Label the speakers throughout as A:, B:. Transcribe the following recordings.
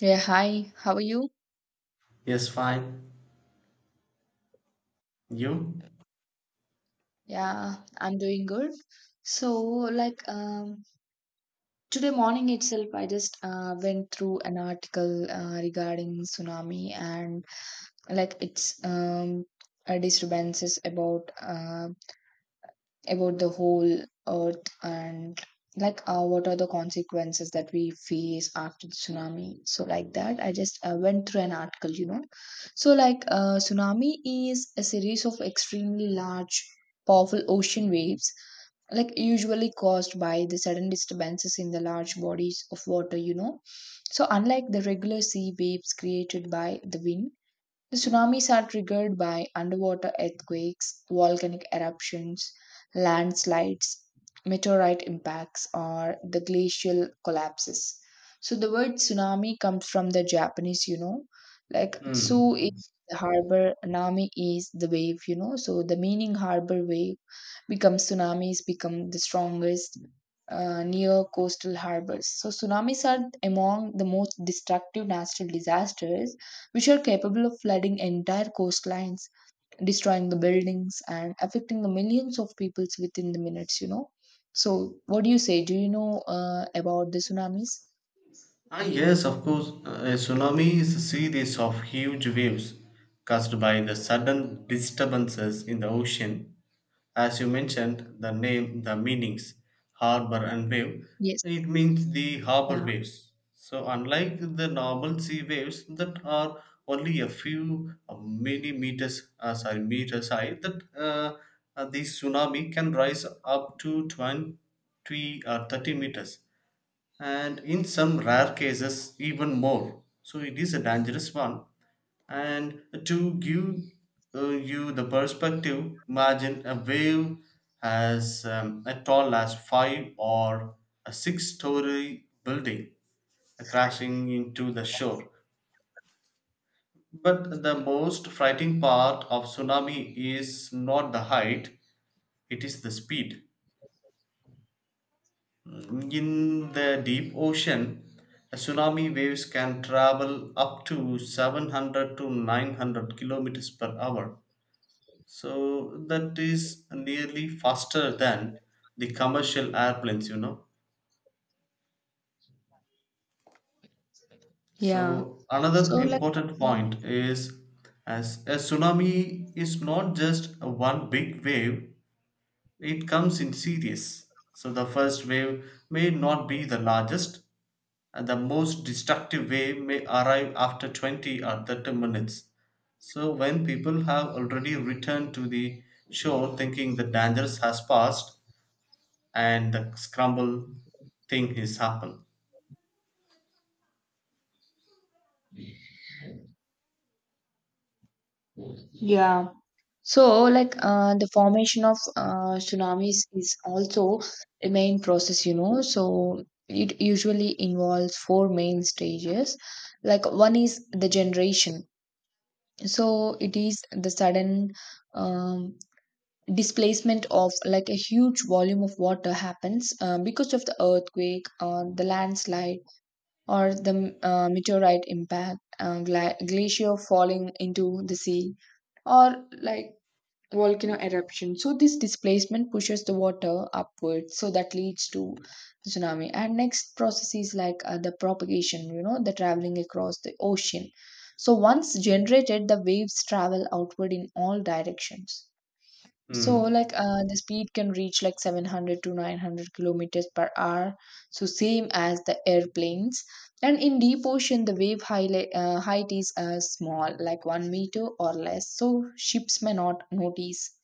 A: Yeah, hi. How are you?
B: Yes, fine. You?
A: Yeah, I'm doing good. So, like, today morning itself, I just went through an article regarding tsunami, and like its disturbances about the whole earth, and like what are the consequences that we face after the tsunami. So like that I just went through an article. So like tsunami is a series of extremely large, powerful ocean waves, like usually caused by the sudden disturbances in the large bodies of water. So unlike the regular sea waves created by the wind, the tsunamis are triggered by underwater earthquakes, volcanic eruptions, landslides, meteorite impacts, or the glacial collapses. So the word tsunami comes from the Japanese, like tsu is
B: Hmm.
A: the harbor, nami is the wave. So the meaning harbor wave becomes tsunamis become the strongest near coastal harbors. So tsunamis are among the most destructive natural disasters, which are capable of flooding entire coastlines, destroying the buildings, and affecting the millions of peoples within the minutes. So, what do you say? Do you know about the tsunamis?
B: Ah, yes, of course. A tsunami is a series of huge waves caused by the sudden disturbances in the ocean. As you mentioned, the name, the meanings, harbor and wave,
A: Yes.
B: it means the harbor
A: Yeah.
B: waves. So, unlike the normal sea waves that are only a few millimeters, sorry, meters high, that the tsunami can rise up to 20 or 30 meters, and in some rare cases even more, so it is a dangerous one. And to give you the perspective, imagine a wave as tall as five or a six-story building crashing into the shore. But the most frightening part of tsunami is not the height, it is the speed. In the deep ocean, a tsunami waves can travel up to 700 to 900 kilometers per hour. So that is nearly faster than the commercial airplanes.
A: Yeah.
B: So another
A: So, like,
B: important
A: um,
B: point is as a tsunami is not just a one big wave, it comes in series. So the first wave may not be the largest, and the most destructive way may arrive after 20 or 30 minutes. So, when people have already returned to the shore thinking the danger has passed, and the scramble thing has happened.
A: yeah. So, like the formation of tsunamis is also a main process. So it usually involves four main stages. Like one is the generation. So it is the sudden um, displacement of like a huge volume of water happens because of the earthquake or the landslide, or the meteorite impact, glacier falling into the sea, or like volcano eruption. So this displacement pushes the water upwards, so that leads to tsunami. And next process is like the propagation, you know, the traveling across the ocean. So once generated, the waves travel outward in all directions. So
B: Hmm.
A: like the speed can reach like 700 to 900 kilometers per hour. So same as the airplanes. And in deep ocean, the wave height is small, like 1 meter or less, so ships may not notice.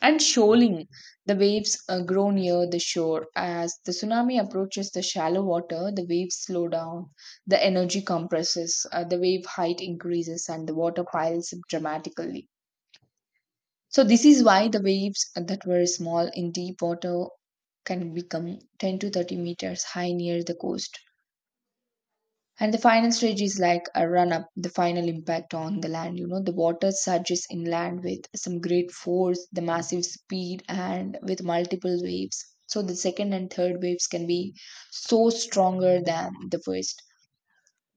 A: And
B: Okay.
A: shoaling, the waves grow near the shore. As the tsunami approaches the shallow water, the waves slow down, the energy compresses, the wave height increases, and the water piles up dramatically. So, this is why the waves that were small in deep water can become 10 to 30 meters high near the coast. And the final stage is like a run up, the final impact on the land. You know, the water surges inland with some great force, the massive speed, and with multiple waves. So the second and third waves can be so stronger than the first.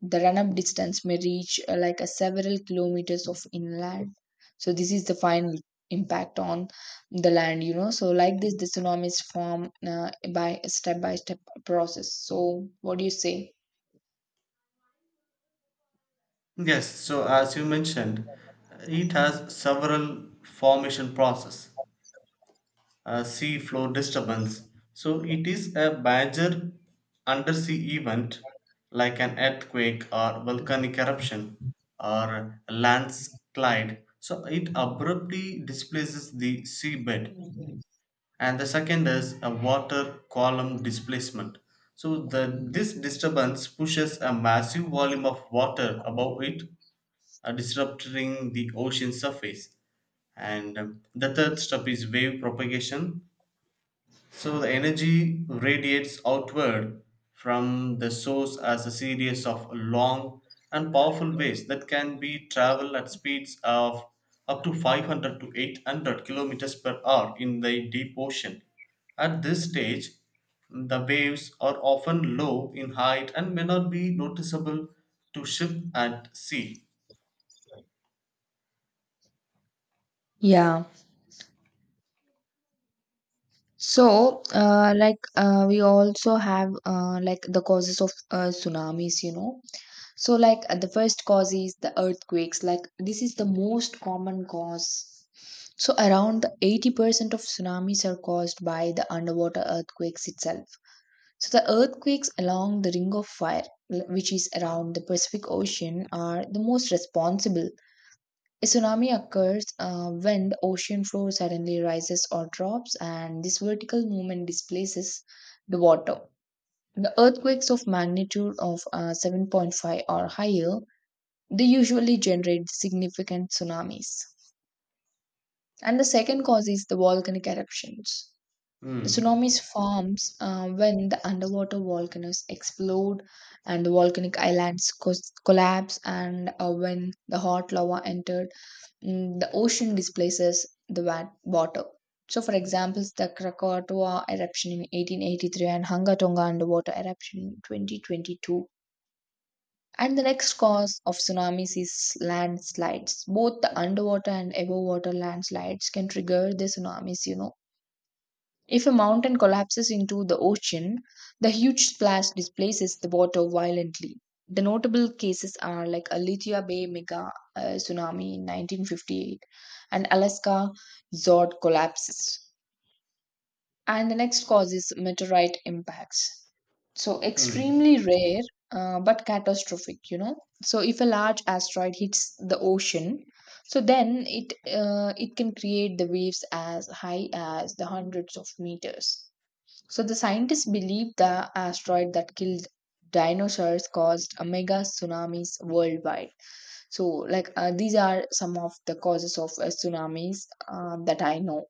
A: The run up distance may reach like a several kilometers of inland. So this is the final impact on the land. So like this, the tsunamis form by a step by step process. So what do you say?
B: Yes, so as you mentioned, it has several formation process. Sea floor disturbance. So it is a major undersea event like an earthquake or volcanic eruption or a landslide. So it abruptly displaces the seabed. And the second is a water column displacement. So this disturbance pushes a massive volume of water above it, disrupting the ocean surface. And The third step is wave propagation, so the energy radiates outward from the source as a series of long and powerful waves that can be travel at speeds of up to 500 to 800 kilometers per hour in the deep ocean. At this stage, the waves are often low in height and may not be noticeable to ship at sea.
A: Yeah. So, like, we also have like the causes of tsunamis, you know. So, like, the first cause is the earthquakes. Like, this is the most common cause. So, around 80% of tsunamis are caused by the underwater earthquakes itself. So, the earthquakes along the Ring of Fire, which is around the Pacific Ocean, are the most responsible. A tsunami occurs when the ocean floor suddenly rises or drops, and this vertical movement displaces the water. The earthquakes of magnitude of 7.5 or higher, they usually generate significant tsunamis. And the second cause is the volcanic eruptions. The
B: Hmm.
A: tsunamis forms when the underwater volcanoes explode and the volcanic islands collapse, and when the hot lava entered the ocean, displaces the water. So, for example, the Krakatoa eruption in 1883 and Hanga Tonga underwater eruption in 2022. And the next cause of tsunamis is landslides. Both the underwater and above water landslides can trigger the tsunamis, you know. If a mountain collapses into the ocean, the huge splash displaces the water violently. The notable cases are like Alethea Bay mega tsunami in 1958 and Alaska Zord collapses. And the next cause is meteorite impacts. So,
B: Hmm.
A: extremely rare but catastrophic. So, if a large asteroid hits the ocean, so then it it can create the waves as high as the hundreds of meters. So the scientists believe the asteroid that killed dinosaurs caused a mega tsunamis worldwide. So like these are some of the causes of tsunamis that I know.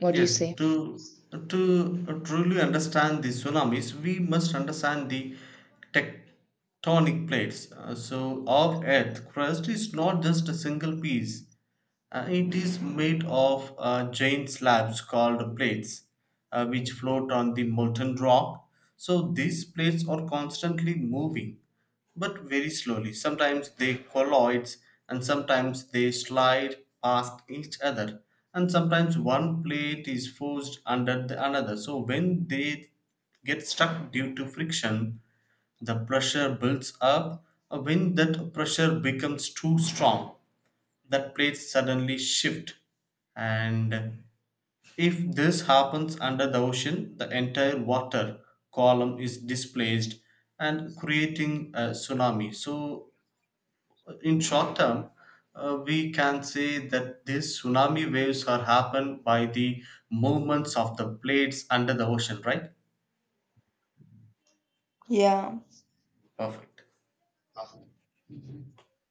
A: What do you
B: Yes,
A: say?
B: to truly understand the tsunamis, we must understand the tectonic plates. So, our Earth crust is not just a single piece. It is made of giant slabs called plates, which float on the molten rock. So, these plates are constantly moving but very slowly. Sometimes they collide and sometimes they slide past each other, and sometimes one plate is forced under the another. So when they get stuck due to friction, the pressure builds up. When that pressure becomes too strong, that plates suddenly shift, and if this happens under the ocean, the entire water column is displaced and creating a tsunami. So, in short term, we can say that these tsunami waves are happened by the movements of the plates under the ocean, right?
A: Yeah,
B: Perfect.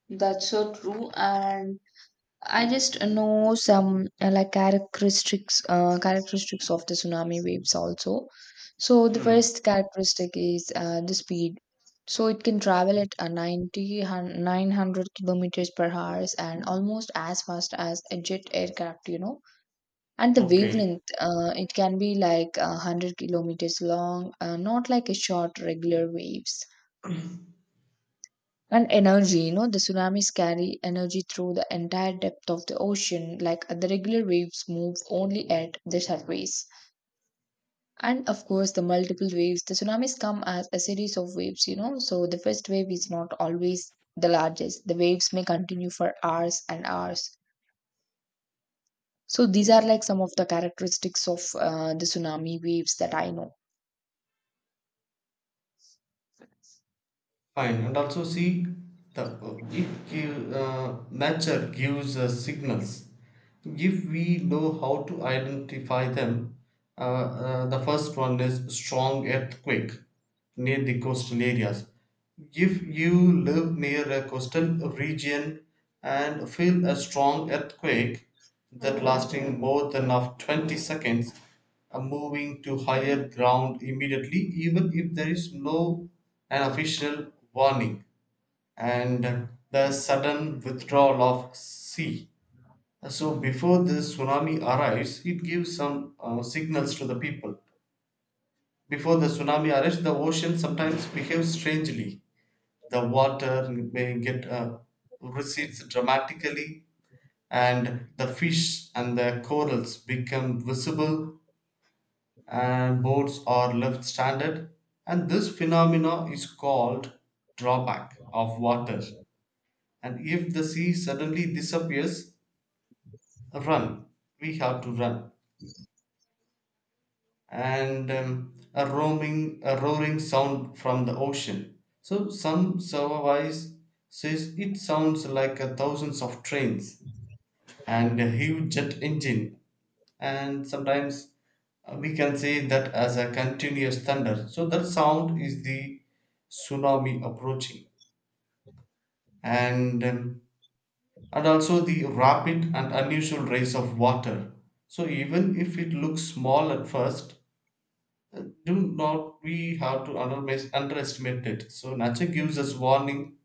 A: that's so true. And I just know some like characteristics of the tsunami waves also. So the
B: Hmm.
A: first characteristic is the speed. So it can travel at 90, 900 kilometers per hour, and almost as fast as a jet aircraft. And the
B: Okay.
A: wavelength, it can be like 100 kilometers long, not like a short regular waves. And energy, the tsunamis carry energy through the entire depth of the ocean, like the regular waves move only at the surface. And of course, the multiple waves, the tsunamis come as a series of waves, so the first wave is not always the largest. The waves may continue for hours and hours. So these are like some of the characteristics of the tsunami waves that I know.
B: Fine, and also see the if give, nature gives us signals. If we know how to identify them, the first one is strong earthquake near the coastal areas. If you live near a coastal region and feel a strong earthquake that lasting more than of 20 seconds, moving to higher ground immediately, even if there is no an official warning, and the sudden withdrawal of sea. So before the tsunami arrives, it gives some signals to the people. Before the tsunami arrives, the ocean sometimes behaves strangely. The water may get recedes dramatically, and the fish and the corals become visible, and boats are left stranded, and this phenomena is called drawback of water. And if the sea suddenly disappears, run, we have to run. And A roaming, a roaring sound from the ocean, so some survivors says it sounds like a thousands of trains and a huge jet engine, and sometimes we can say that as a continuous thunder, so that sound is the tsunami approaching. And um, and also the rapid and unusual rise of water, so even if it looks small at first, do not, we have to underestimate it. So nature gives us warning,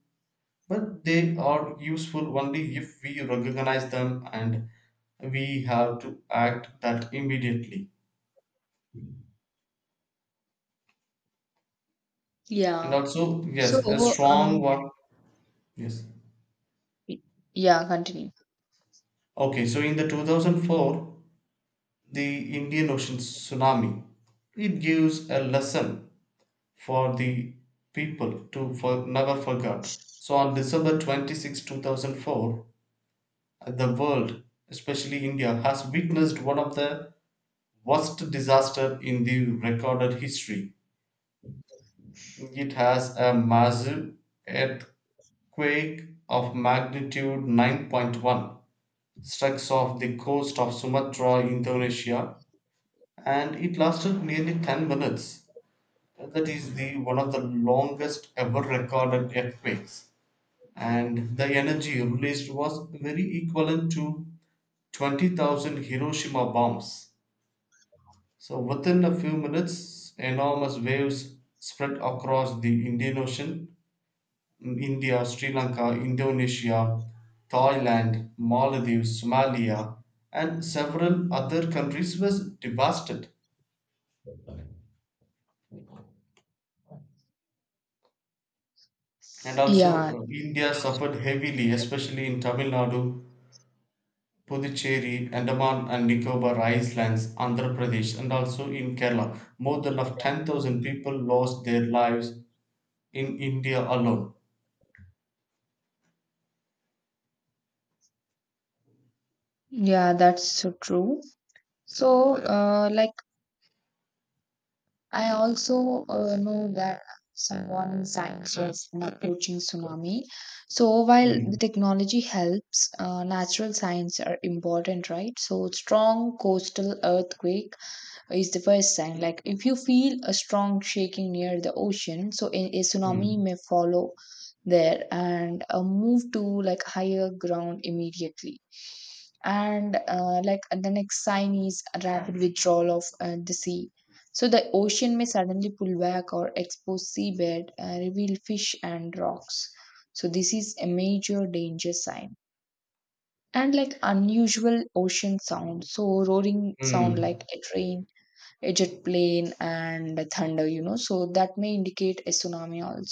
B: but they are useful only if we recognize them and we have to act that immediately, and
A: Yeah.
B: also
A: So,
B: yes a
A: uh,
B: strong one. Yes.
A: yeah, continue.
B: Okay, so in the 2004, the Indian Ocean tsunami, it gives a lesson for the people to, for, never forget. So on December 26th 2004, the world, especially India, has witnessed one of the worst disaster in the recorded history. It has a massive earthquake of magnitude 9.1 strikes off the coast of Sumatra, Indonesia, and it lasted nearly 10 minutes. That is the one of the longest ever recorded earthquakes. And the energy released was very equivalent to 20,000 Hiroshima bombs. So within a few minutes, enormous waves spread across the Indian Ocean in India, Sri Lanka, Indonesia, Thailand, Maldives, Somalia, and several other countries was devastated. And also,
A: Yeah,
B: India suffered heavily, especially in Tamil Nadu, Puducherry, Andaman and Nicobar Islands, Andhra Pradesh, and also in Kerala. More than of 10,000 people lost their lives in India alone.
A: yeah, that's so true. So, like, I also know that someone science was approaching tsunami. So, while the
B: Hmm,
A: technology helps, natural science are important, right? So, strong coastal earthquake is the first sign. Like if you feel a strong shaking near the ocean, so a tsunami
B: hmm,
A: may follow there, and move to like higher ground immediately. And like the next sign is a rapid withdrawal of the sea. So the ocean may suddenly pull back or expose seabed, reveal fish and rocks. So this is a major danger sign. And like unusual ocean sound, so roaring sound
B: hmm.
A: like a train, a jet plane, and thunder, so that may indicate a tsunami also.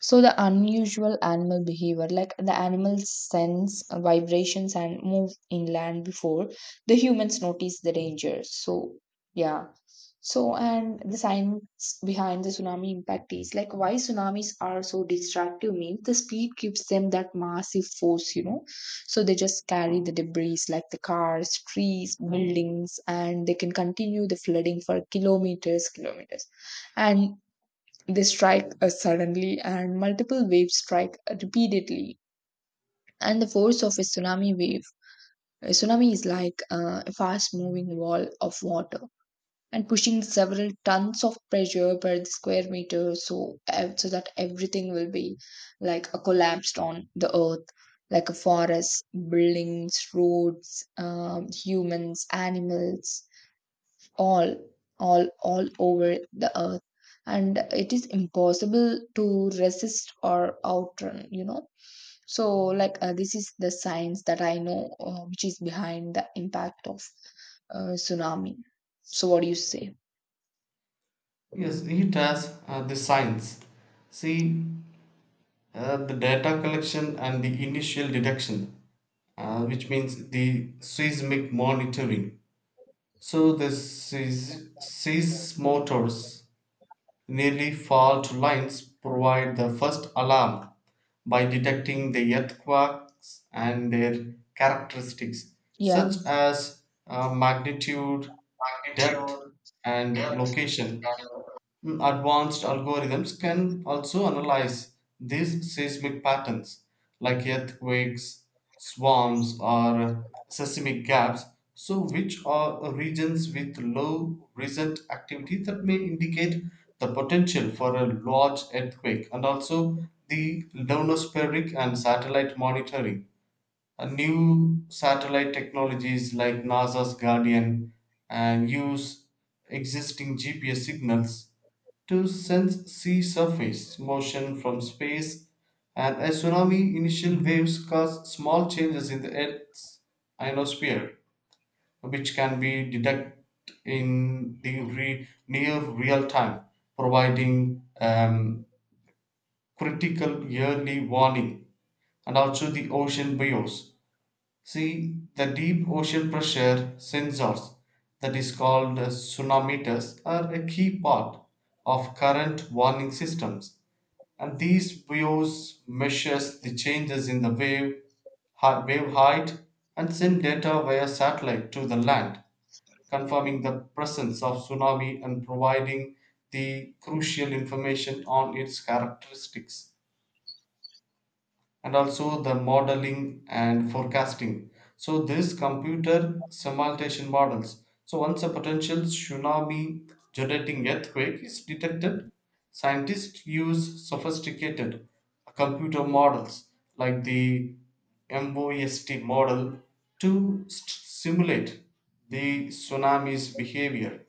A: So the unusual animal behavior, like the animals sense vibrations and move inland before the humans notice the danger. So yeah. So and the science behind the tsunami impact is like why tsunamis are so destructive means the speed gives them that massive force. So they just carry the debris like the cars, trees, buildings, and they can continue the flooding for kilometers, kilometers, and they strike us suddenly, and multiple waves strike repeatedly. And the force of a tsunami wave, a tsunami is like a fast-moving wall of water, and pushing several tons of pressure per square meter, so so that everything will be like a collapsed on the earth, like a forest, buildings, roads, humans, animals, all all over the earth, and it is impossible to resist or outrun. So like this is the science that I know, which is behind the impact of tsunami. So what do you say?
B: Yes, it has the signs. See, the data collection and the initial detection, which means the seismic monitoring. So the seismotors nearly fault lines provide the first alarm by detecting the earthquakes and their characteristics,
A: Yeah,
B: such as magnitude, depth, and location. Mm, advanced algorithms can also analyze these seismic patterns, like earthquakes, swarms, or seismic gaps, so which are regions with low recent activity that may indicate the potential for a large earthquake, and also the lonospheric and satellite monitoring. New satellite technologies like NASA's Guardian and use existing GPS signals to sense sea surface motion from space. And a tsunami, initial waves cause small changes in the Earth's ionosphere, which can be detected in the near real time, providing critical yearly warning. And also the ocean bios. See the deep ocean pressure sensors, that is called tsunameters, are a key part of current warning systems, and these views measures the changes in the wave, wave height, and send data via satellite to the land, confirming the presence of tsunami and providing the crucial information on its characteristics, and also the modeling and forecasting. So these computer simulation models. So once a potential tsunami generating earthquake is detected, scientists use sophisticated computer models like the MOST model to simulate the tsunami's behavior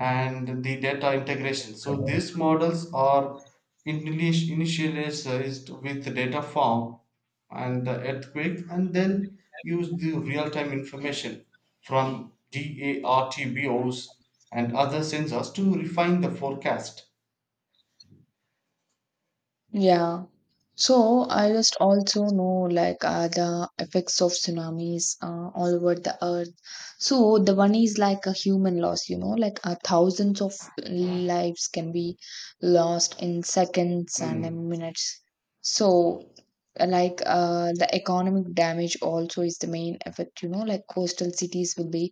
B: and the data integration. So these models are initialized with the data form and the earthquake and then use the real-time information from DARTBOs and other sensors to refine the forecast.
A: yeah. So I just also know like the effects of tsunamis all over the earth. So the one is like a human loss, like thousands of lives can be lost in seconds and in
B: Hmm.
A: minutes. So like the economic damage also is the main effect, like coastal cities will be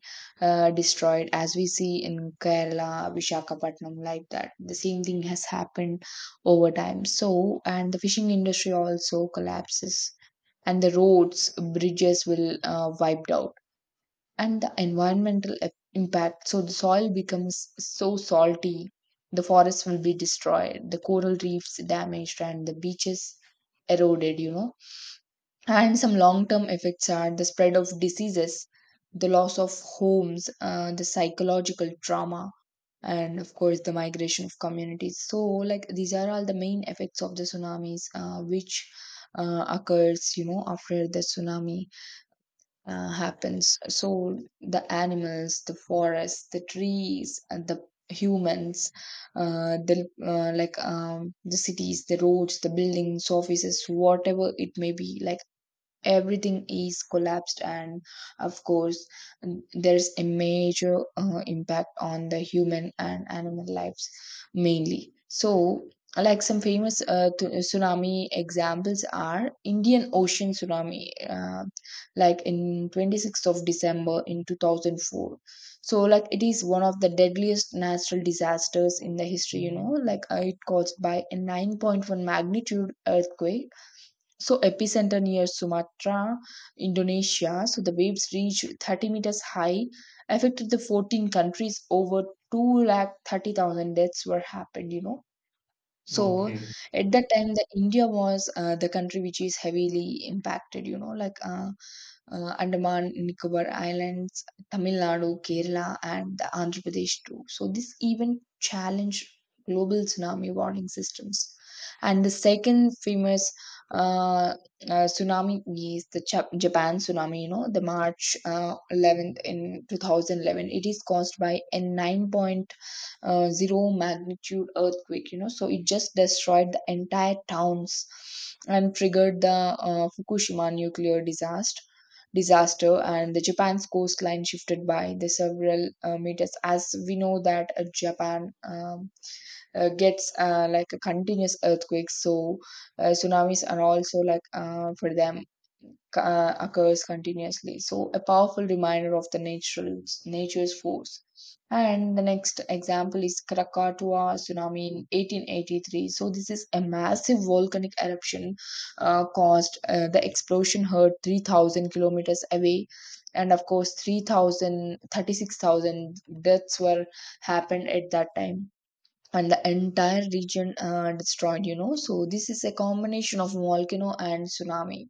A: destroyed as we see in Kerala, Vishakhapatnam, like that. The same thing has happened over time. So, and the fishing industry also collapses, and the roads, bridges will wiped out, and the environmental impact. So the soil becomes so salty, the forests will be destroyed, the coral reefs damaged, and the beaches eroded. You know, and some long-term effects are the spread of diseases, the loss of homes, the psychological trauma, and of course the migration of communities. So like these are all the main effects of the tsunamis, which occurs after the tsunami happens. So the animals, the forests, the trees, and the humans, the like the cities, the roads, the buildings, offices, whatever it may be, like everything is collapsed, and of course there's a major impact on the human and animal lives mainly. So like some famous tsunami examples are Indian Ocean tsunami, like in 26th of December in 2004. So like it is one of the deadliest natural disasters in the history, like it caused by a 9.1 magnitude earthquake, so epicenter near Sumatra, Indonesia. So the waves reached 30 meters high, affected the 14 countries. Over 2 lakh 30,000 deaths were happened, so
B: Okay.
A: at that time, the India was the country which is heavily impacted. You know, Andaman, Nicobar Islands, Tamil Nadu, Kerala, and the Andhra Pradesh too. So this even challenged global tsunami warning systems. And the second famous uh, tsunami is the Japan tsunami. You know, the March 11th in 2011. It is caused by a 9 zero magnitude earthquake, you know, so it just destroyed the entire towns and triggered the fukushima nuclear disaster and the japan's coastline shifted by the several meters. As we know that japan gets like a continuous earthquakes, so tsunamis are also like for them occurs continuously, so a powerful reminder of the natural nature's force. And the next example is Krakatoa tsunami in 1883. So this is a massive volcanic eruption caused. The explosion hurt 3,000 kilometers away, and of course, 3,000 36,000 deaths were happened at that time, and the entire region destroyed, you know. So this is a combination of volcano and tsunami.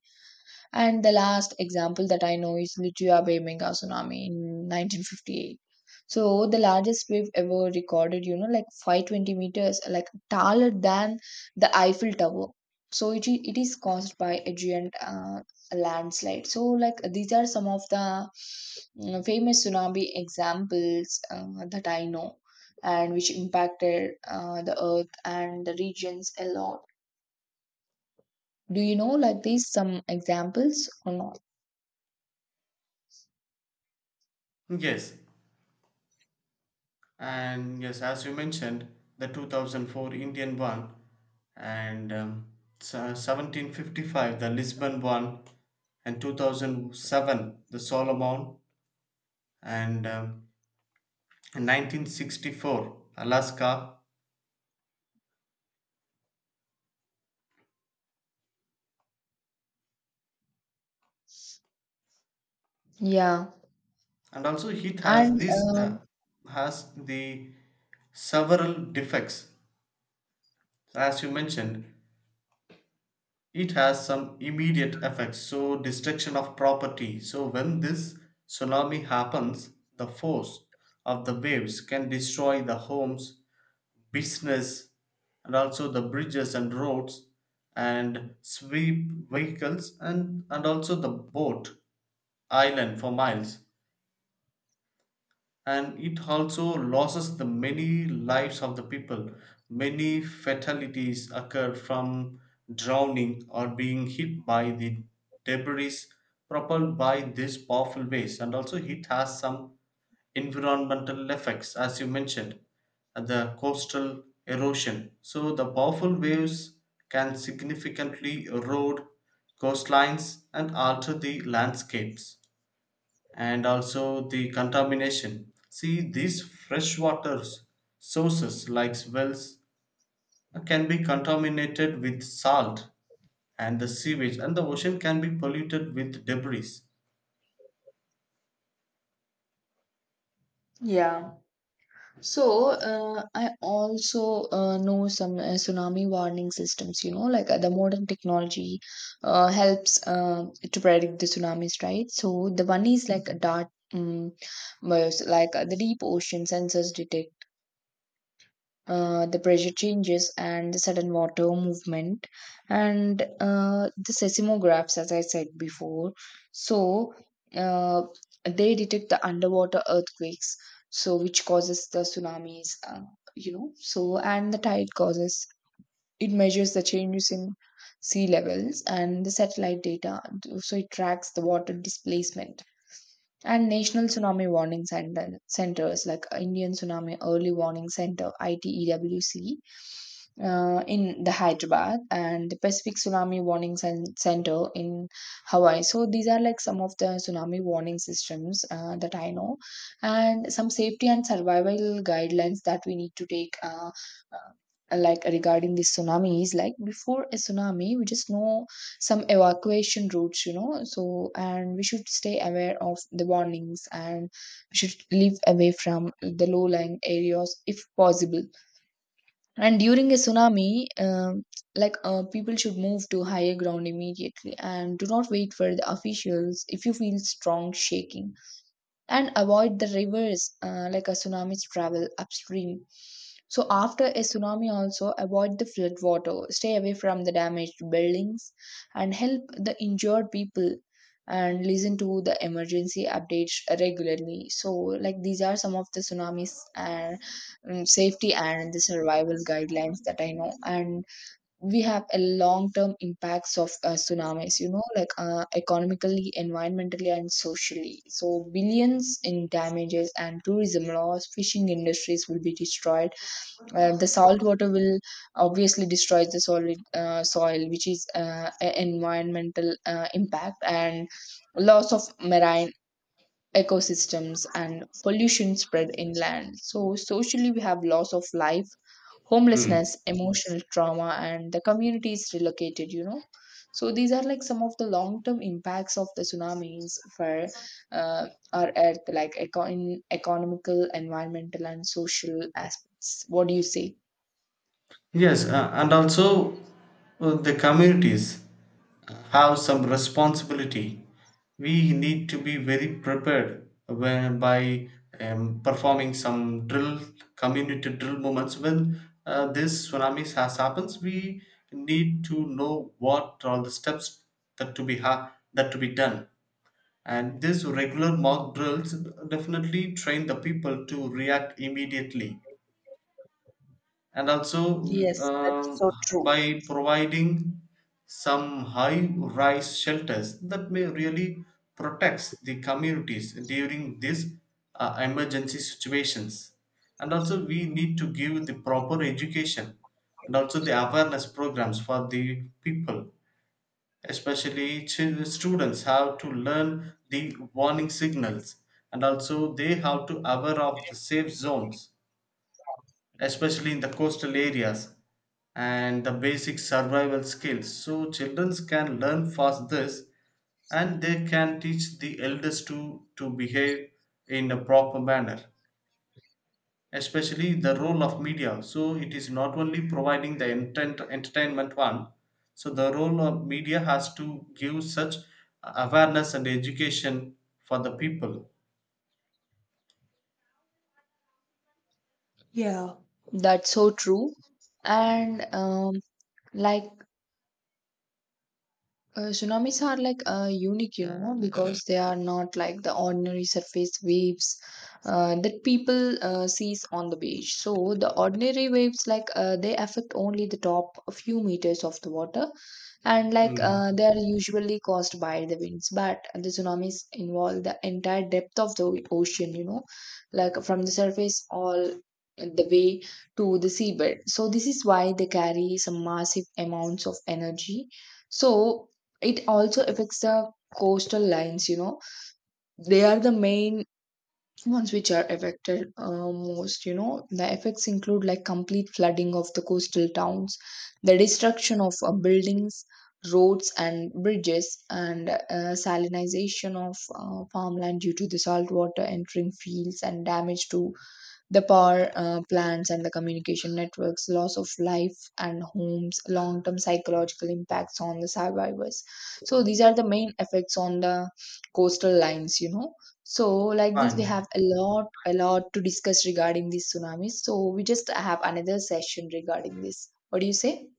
A: And the last example that I know is Lichuyabebe mega tsunami in 1958. So the largest wave ever recorded, you know, like 520 meters, like taller than the Eiffel Tower. So it is caused by a giant landslide. So like these are some of the famous tsunami examples that I know and which impacted the earth and the regions a lot. Do you know like these some examples or not?
B: Yes. And yes, as you mentioned, the 2004 Indian one, and 1755 the Lisbon one, and 2007 the Solomon, and 1964 Alaska.
A: Yeah.
B: And also it has
A: And
B: this
A: um,
B: has the several defects. So as you mentioned it has some immediate effects, so destruction of property. So when this tsunami happens, the force of the waves can destroy the homes, business, and also the bridges and roads, and sweep vehicles, and also the boat island for miles. And it also loses the many lives of the people, many fatalities occur from drowning or being hit by the debris propelled by these powerful waves. And also it has some environmental effects, as you mentioned, the coastal erosion. So the powerful waves can significantly erode coastlines and alter the landscapes, and also the contamination. See, these sources like wells can be contaminated with salt and the sewage, and the ocean can be polluted with debris.
A: yeah, so I also know some tsunami warning systems, you know, like the modern technology helps to predict the tsunamis, right? So the one is like a dart. Was like the deep ocean sensors detect the pressure changes and the sudden water movement and the seismographs, as I said before. So uh, they detect the underwater earthquakes, so which causes the tsunamis, you know. So and the tide causes, it measures the changes in sea levels and the satellite data, so it tracks the water displacement. And national tsunami centers like Indian Tsunami Early Warning Center (ITEWC) in the Hyderabad and the Pacific Tsunami Warning Center in Hawaii. So these are like some of the tsunami warning systems that I know, and some safety and survival guidelines that we need to take. Uh, like regarding these tsunamis, like before a tsunami we just know some evacuation routes, you know. So and we should stay aware of the warnings and we should live away from the low lying areas if possible. And during a tsunami, like people should move to higher ground immediately and do not wait for the officials if you feel strong shaking, and avoid the rivers, like a tsunamis travel upstream. So after a tsunami also avoid the flood water, stay away from the damaged buildings, and help the injured people, and listen to the emergency updates regularly. So like these are some of the tsunamis and safety and the survival guidelines that I know. And we have a long-term impacts of tsunamis, you know, like economically, environmentally, and socially. So billions in damages and tourism loss, fishing industries will be destroyed. The salt water will obviously destroy the solid soil, which is environmental impact, and loss of marine ecosystems and pollution spread inland. So socially we have loss of life, homelessness, emotional trauma, and the communities relocated, you know. So these are like some of the long-term impacts of the tsunamis for our earth, like in economical, environmental, and social aspects. What do you say?
B: Yes, and also the communities have some responsibility. We need to be very prepared when, by performing some drill, community drill moments. When this tsunamis has happens, we need to know what are the steps that to be done. And these regular mock drills definitely train the people to react immediately, and also
A: Yes, that's
B: um,
A: so true.
B: by providing some high rise shelters that may really protects the communities during these emergency situations. And also we need to give the proper education and also the awareness programs for the people, especially students have to learn the warning signals, and also they have to aware of the safe zones, especially in the coastal areas and the basic survival skills, so children can learn fast this and they can teach the elders to behave in a proper manner, especially the role of media. So it is not only providing the entertainment one. So the role of media has to give such awareness and education for the people.
A: That's so true. And like tsunamis are like unique, you know, because they are not like the ordinary surface waves that people sees on the beach. So the ordinary waves, like they affect only the top few meters of the water, and like
B: Hmm,
A: they are usually caused by the winds. But the tsunamis involve the entire depth of the ocean, you know, like from the surface all the way to the seabed. So this is why they carry some massive amounts of energy. So it also affects the coastal lines, you know. They are the main ones which are affected most, you know. The effects include like complete flooding of the coastal towns, the destruction of buildings, roads, and bridges, and salinization of farmland due to the salt water entering fields, and damage to the power plants and the communication networks, loss of life and homes, long term psychological impacts on the survivors. So these are the main effects on the coastal lines, you know. So like this, we
B: fine.
A: have a lot to discuss regarding these tsunamis. So we just have another session regarding this. What do you say?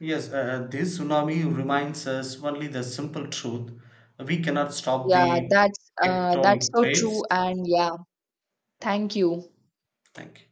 B: Yes, this tsunami reminds us only the simple truth. We cannot stop
A: Yeah,
B: the
A: that's
B: tectonic
A: so
B: plates.
A: true. And yeah, thank you.
B: Thank you.